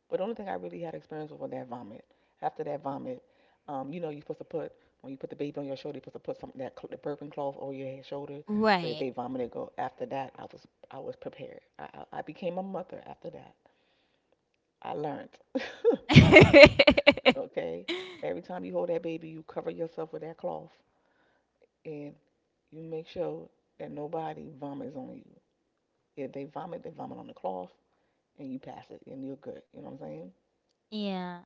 S2: But the only thing I really had experience with was that vomit. After that vomit, you know you're supposed to put, when you put the baby on your shoulder, you're supposed to put something that the burping cloth over your head shoulder. So if
S1: Right.
S2: they vomit, it go. After that, I was prepared. I became a mother after that. I learned. Okay, every time you hold that baby, you cover yourself with that cloth and you make sure that nobody vomits on you. If they vomit, they vomit on the cloth and you pass it and you're good. You know what I'm saying?
S1: Yeah.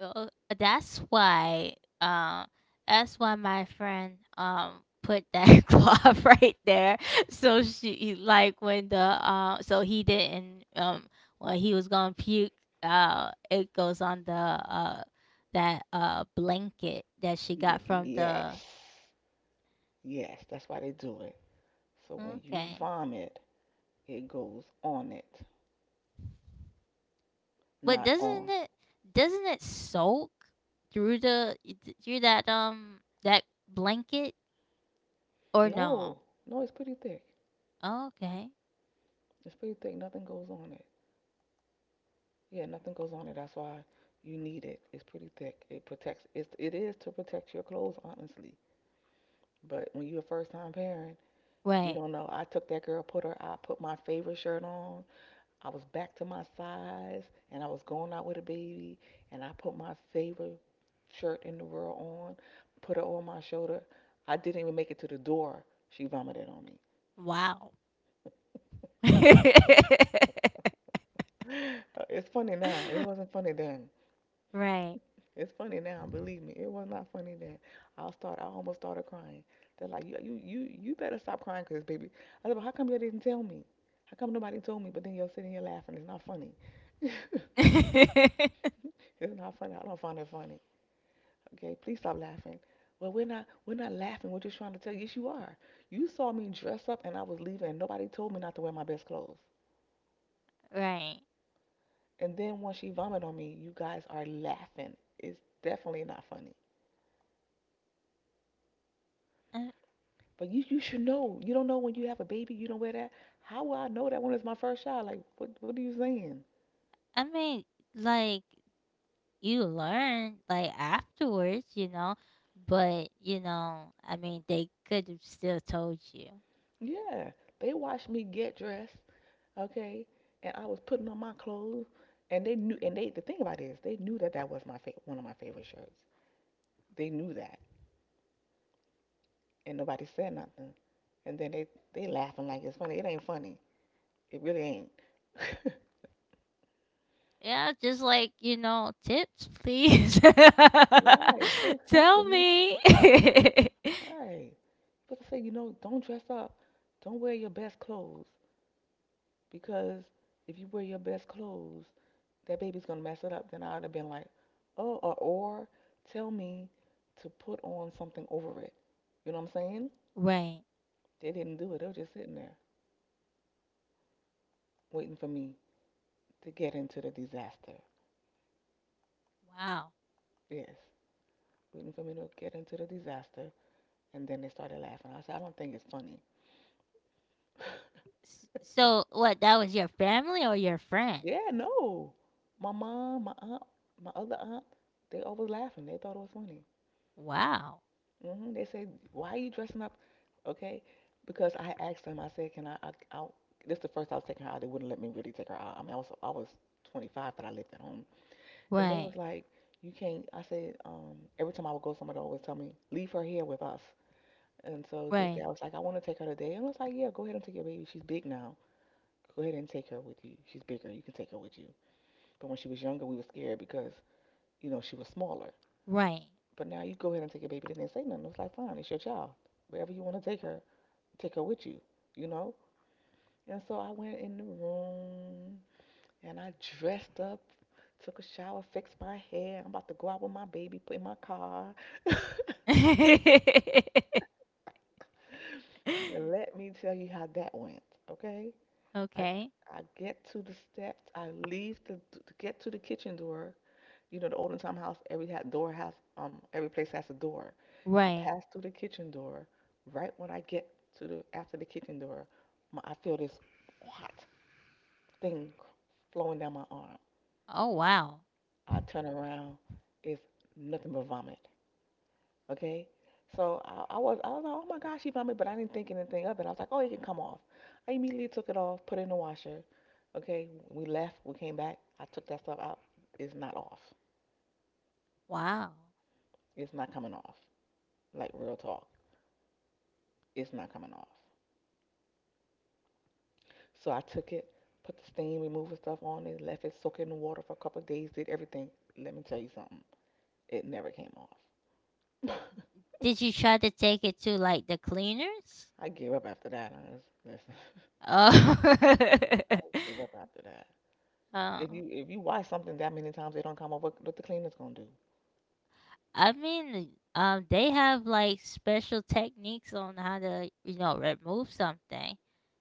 S1: Uh, that's why um that's why my friend put that cloth right there, so she, like, when the so he didn't when he was gonna puke, it goes on the that blanket that she got from the—
S2: Yes. Yes, that's why they do it. So when you
S1: Okay,
S2: vomit, it goes on it,
S1: but
S2: not
S1: doesn't
S2: on.
S1: it doesn't it soak through the through that that blanket, or no?
S2: No, no, it's pretty thick.
S1: Okay.
S2: It's pretty thick. Nothing goes on it. Yeah, nothing goes on it. That's why you need it. It's pretty thick. It protects. It is to protect your clothes, honestly. But when you're a first time parent, you
S1: Right.
S2: don't know. I took that girl, put her. I put my favorite shirt on. I was back to my size and I was going out with a baby and I put my favorite shirt in the world on, put it on my shoulder. I didn't even make it to the door. She vomited on me.
S1: Wow.
S2: It's funny now. It wasn't funny then.
S1: Right.
S2: It's funny now. Believe me, it was not funny then. I start. I almost started crying. They're like, you better stop crying, 'cause baby. I said, but how come you didn't tell me? How come nobody told me? But then you're sitting here laughing. It's not funny. It's not funny. I don't find it funny. Okay, please stop laughing. Well, we're not laughing. We're just trying to tell you. Yes, you are. You saw me dress up and I was leaving and nobody told me not to wear my best clothes.
S1: Right.
S2: And then when she vomited on me, you guys are laughing. It's definitely not funny.
S1: I,
S2: But you should know. You don't know when you have a baby, you don't wear that. How will I know that when it's my first child? Like, what are you saying?
S1: I mean, like, you learn, like, afterwards, you know, but, you know, I mean, they could have still told you.
S2: Yeah. They watched me get dressed, okay, and I was putting on my clothes and they knew, and the thing about it is they knew that that was my one of my favorite shirts. They knew that, and nobody said nothing. And then they laughing like it's funny. It ain't funny. It really ain't.
S1: Yeah, just like, you know, tips, please.
S2: Right. Say
S1: Tell
S2: something.
S1: me.
S2: Right. People say, you know, don't dress up. Don't wear your best clothes, because if you wear your best clothes, that baby's gonna mess it up. Then I'd have been like, oh, or tell me to put on something over it. You know what I'm saying?
S1: Right.
S2: They didn't do it. They were just sitting there waiting for me to get into the disaster.
S1: Wow.
S2: Yes, waiting for me to get into the disaster. And then they started laughing. I said, I don't think it's funny.
S1: So, what, that was your family or your friends?
S2: Yeah, no. My mom, my aunt, my other aunt, they always laughing. They thought it was funny.
S1: Wow.
S2: Hmm They said, why are you dressing up? Okay. Because I asked them, I said, can I, this is the first I was taking her out. They wouldn't let me really take her out. I mean, I was 25, but I lived at home. And they was
S1: Right.
S2: like, you can't, I said, every time I would go somewhere, they always tell me, leave her here with us. And so this day
S1: Right.
S2: I was like, I want to take her today. And I was like, yeah, go ahead and take your baby. She's big now. Go ahead and take her with you. She's bigger. You can take her with you. But when she was younger, we were scared because, you know, she was smaller.
S1: Right.
S2: But now you go ahead and take your baby. They didn't say nothing. It was like, fine, it's your child. Wherever you want to take her with you, you know? And so I went in the room and I dressed up, took a shower, fixed my hair. I'm about to go out with my baby, put in my car. Let me tell you how that went, okay? I
S1: Okay.
S2: I get to the steps, I leave the to get to the kitchen door. You know, the olden time house, every door has, every place has a door. I
S1: Right.
S2: pass through the kitchen door. Right when I get to the after the kitchen door, I feel this hot thing flowing down my arm.
S1: Oh wow.
S2: I turn around, it's nothing but vomit. Okay, so I was like, oh my gosh, she vomited, but I didn't think anything of it. I was like, oh, it can come off. I immediately took it off, put it in the washer. Okay, we left, we came back. I took that stuff out. It's not off.
S1: Wow.
S2: It's not coming off. Like real talk. It's not coming off. So I took it, put the steam remover stuff on it, left it soak in the water for a couple of days, did everything. Let me tell you something. It never came off.
S1: Did you try to take it to like the cleaners?
S2: I gave up after that. I just, listen,
S1: Oh.
S2: I gave up after that.
S1: Oh.
S2: If you wash something that many times, it don't come off. What the cleaner's gonna do?
S1: I mean, they have, like, special techniques on how to, you know, remove something.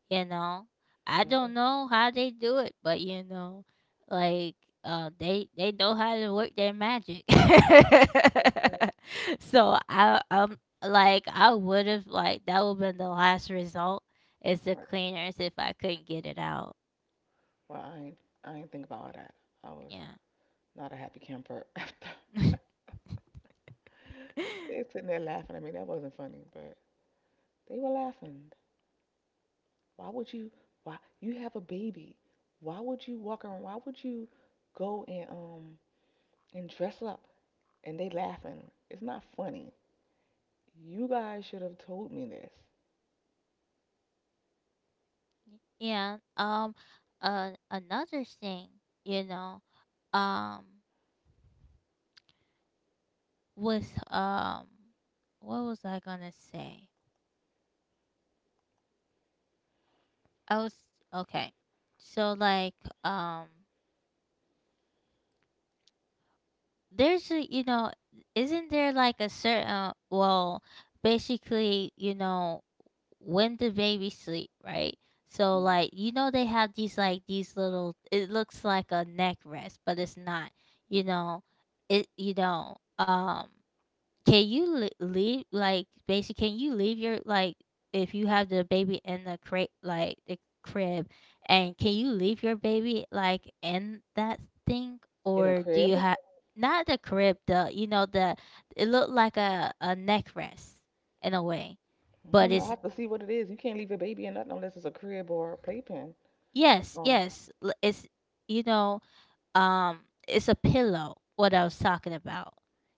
S1: You know, I
S2: Oh,
S1: don't know how they do it, but, you know, like, they know how to work their magic.
S2: okay.
S1: So I, like, I would have, like, that would been the last result is the
S2: Right.
S1: cleaners if I couldn't get it out.
S2: Well, I ain't think about all that. I was
S1: Yeah.
S2: not a happy camper after. They sitting there laughing at me. That wasn't funny, but they were laughing. Why would you? Why you have a baby? Why would you walk around? Why would you go and dress up? And they laughing. It's not funny. You guys should have told me this.
S1: Yeah. Another thing, you know, um, with what was I gonna say? I was Okay. So, like, um, there's a, you know, isn't there like a certain, well, basically, you know, when the baby sleep, right? So,
S2: Mm.
S1: like, you know, they have these, like, these little— it looks like a neck rest, but it's not. You know, it— you know, Can leave, like, basically can you leave your, like, if you have the baby in the crib, like the crib, and can you leave your baby, like, in that thing,
S2: In a
S1: or do you
S2: crib?
S1: have— not the crib, the, you know, the— it looked like a neck rest, in a way,
S2: I
S1: but
S2: don't know. I
S1: it's—
S2: have to see what it is. You can't leave your baby in nothing unless it's a crib or a playpen.
S1: yes,
S2: Oh,
S1: yes, it's, you know, um it's a pillow, what I was talking about.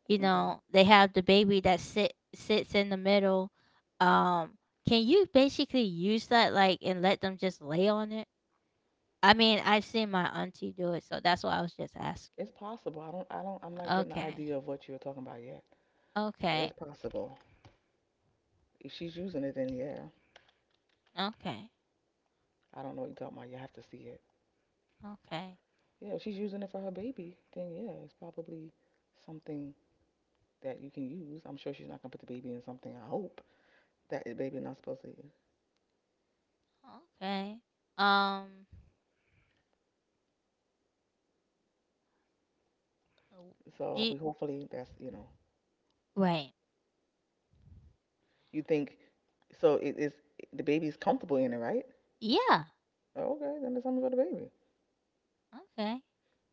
S1: You
S2: okay.
S1: know, they have the baby that sits in the middle. um can you basically use that, like, and let them just lay on it? I mean, I've seen my auntie do it, so that's why I was just asking.
S2: It's possible. I don't. I'm not getting the
S1: Okay.
S2: idea of what you're talking about yet. So
S1: Okay.
S2: it's possible. If she's using it, then yeah.
S1: Okay.
S2: I don't know what you're talking about. You have to see it.
S1: Okay.
S2: Yeah, if she's using it for her baby, then yeah, it's probably something that you can use. I'm sure she's not gonna put the baby in something. I hope that the baby not supposed to use.
S1: Okay. um do
S2: So
S1: you-
S2: we hopefully that's, you know,
S1: Wait.
S2: you think so it is the baby's comfortable in it, right?
S1: Yeah.
S2: Oh, okay, then there's something for the baby.
S1: Okay.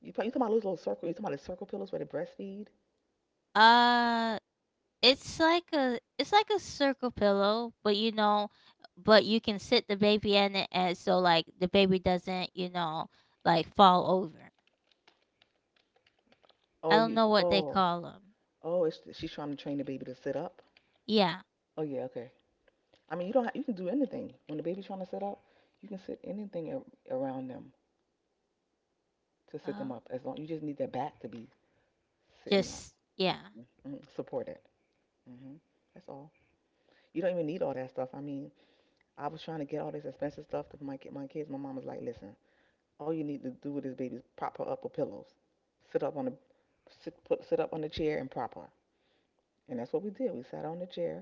S2: You probably you talking about those little circle? You talking about the circle pillows where they breastfeed?
S1: uh it's like a circle pillow, but, you know, but you can sit the baby in it, and so, like, the baby doesn't, you know, like, fall over. I
S2: Oh,
S1: don't
S2: you
S1: know what they
S2: oh
S1: call them.
S2: oh, it's, she's trying to train the baby to sit up.
S1: Yeah.
S2: Oh yeah, okay. I mean you don't have, you can do anything when the baby's trying to sit up. You can sit anything around them to sit
S1: Uh,
S2: them up. As long you just need their back to be sitting up,
S1: just yeah.
S2: mm-hmm, supported. Hmm. That's all. You don't even need all that stuff. I mean, I was trying to get all this expensive stuff to my my kids. My mom was like, "Listen, all you need to do with this baby is prop her up with pillows, sit up on the sit up on the chair and prop her." And that's what we did. We sat on the chair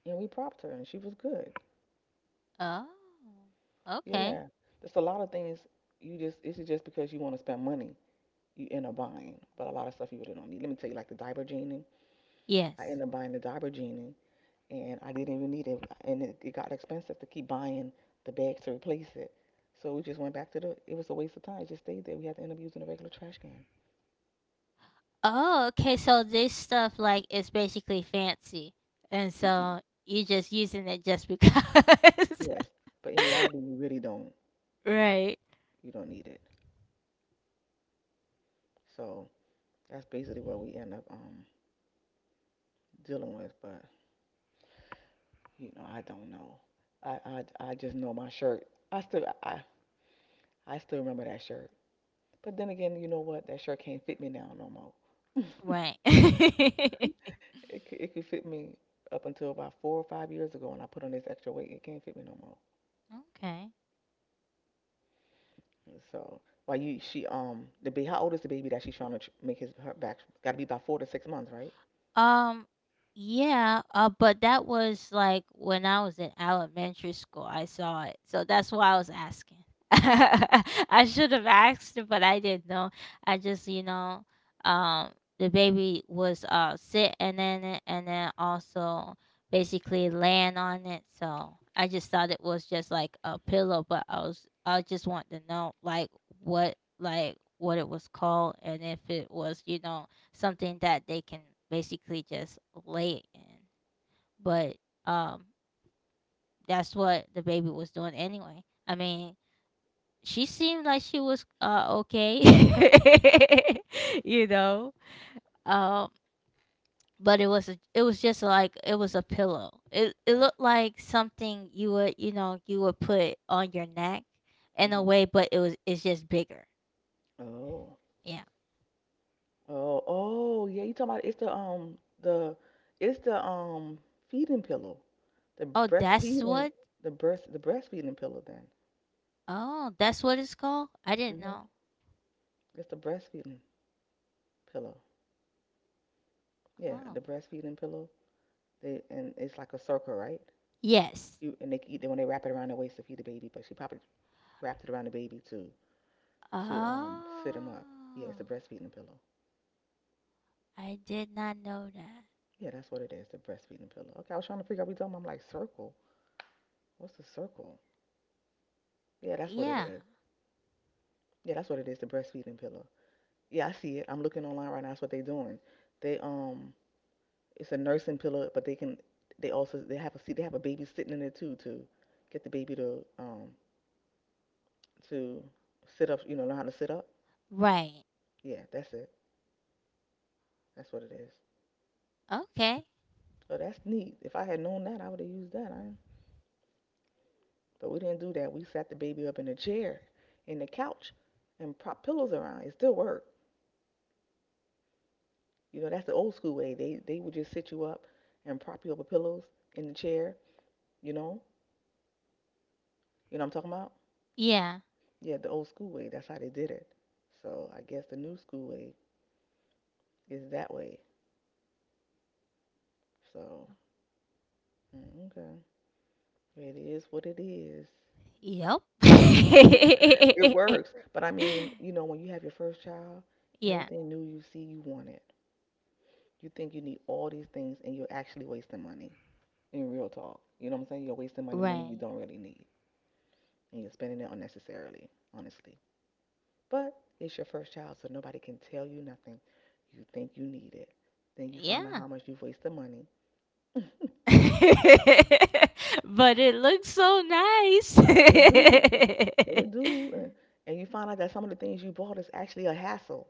S2: and we propped her, and she was good.
S1: Oh. Okay.
S2: Yeah, there's a lot of things you just it's just because you want to spend money you end up buying, but a lot of stuff you really don't need. Let me tell you, like the diaper genie. I
S1: Yes.
S2: ended up buying the diaper genie and I didn't even need it. And it got expensive to keep buying the bags to replace it. So we just went back to the. It was a waste of time. It just stayed there. We had to end up using a regular trash can.
S1: Oh, okay. So this stuff, like, is basically fancy, and
S2: Y- y-
S1: so you just using it just because.
S2: Yes, but in reality, you really don't.
S1: Right.
S2: You don't need it. So that's basically what we end up dealing with. But you know, I don't know. I just know my shirt. I still I I still remember that shirt. But then again, you know what? That shirt can't fit me now no more.
S1: Right.
S2: It could fit me up until about four or five years ago, and I put on this extra weight. It can't fit me no more.
S1: Okay.
S2: So while you she the baby, how old is the baby that she's trying to make his her back? Got to be about four to six months, right?
S1: Um, yeah, but that was like when I was in elementary school, I saw it. So that's why I was asking. I should have asked, but I didn't know. I just, you know, um, the baby was sitting in it, and then also basically laying on it. So I just thought it was just like a pillow, but I just want to know, like, what it was called, and if it was, you know, something that they can basically just lay in. But um, that's what the baby was doing anyway. I mean, she seemed like she was okay, you know. Um, but it was just like it was a pillow. It
S2: Right.
S1: looked like something you would, you know, you would put on your neck in a
S2: Hmm.
S1: way, but it's just bigger.
S2: Oh,
S1: Yeah.
S2: oh, yeah. You talking about it's the feeding pillow, the
S1: Oh, that's
S2: breastfeeding,
S1: what—
S2: the breastfeeding pillow. Then
S1: oh, that's what it's called. I didn't
S2: hmm
S1: know.
S2: it's the breastfeeding pillow. Yeah,
S1: Oh.
S2: the breastfeeding pillow. They, and it's like a circle, right?
S1: Yes.
S2: And they when they wrap it around the waist to feed the baby, but she probably wrapped it around the baby to sit him up. Yeah, it's a
S1: Oh,
S2: breastfeeding pillow.
S1: I did not know that.
S2: Yeah, that's what it is, the breastfeeding pillow. Okay, I was trying to figure out we talking about. I'm like circle. What's a circle? Yeah, that's what it
S1: Yeah.
S2: is. Yeah, that's what it is, the breastfeeding pillow. Yeah, I see it. I'm looking online right now. That's what they're doing. They it's a nursing pillow, but they have a seat. They have a baby sitting in it too to get the baby to to sit up. You know, learn how to sit up.
S1: Right.
S2: Yeah, that's it. That's what it is.
S1: Okay.
S2: So that's neat. If I had known that, I would have used that. I, but we didn't do that. We sat the baby up in a chair, in the couch, and prop pillows around. It still worked. You know, that's the old school way. They would just sit you up and prop you up with pillows in the chair. You know, you know what I'm talking about?
S1: Yeah.
S2: Yeah, the old school way. That's how they did it. So I guess the new school way is that way. So mm, okay, it is what it is.
S1: Yep.
S2: It works. But I mean, you know, when you have your first child,
S1: Yeah.
S2: everything new you see, you want it. You think you need all these things and you're actually wasting money in real talk. You know what I'm saying? You're wasting money, money you
S1: Right.
S2: don't really need. And you're spending it unnecessarily, honestly. But it's your first child, so nobody can tell you nothing. You think you need it. Then you find out
S1: Yeah.
S2: how much you've wasted money. It
S1: But it looks so nice.
S2: do. It do. And you find out that some of the things you bought is actually a hassle.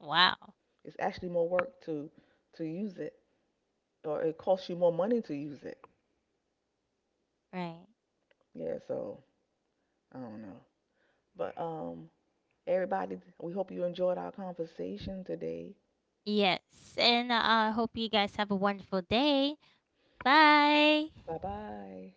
S1: Wow.
S2: It's actually more work to use it. Or it costs you more money to use it.
S1: Right.
S2: Yeah, so I don't know. But Everybody, we hope you enjoyed our conversation today.
S1: Yes. And I, hope you guys have a wonderful day. Bye.
S2: Bye bye.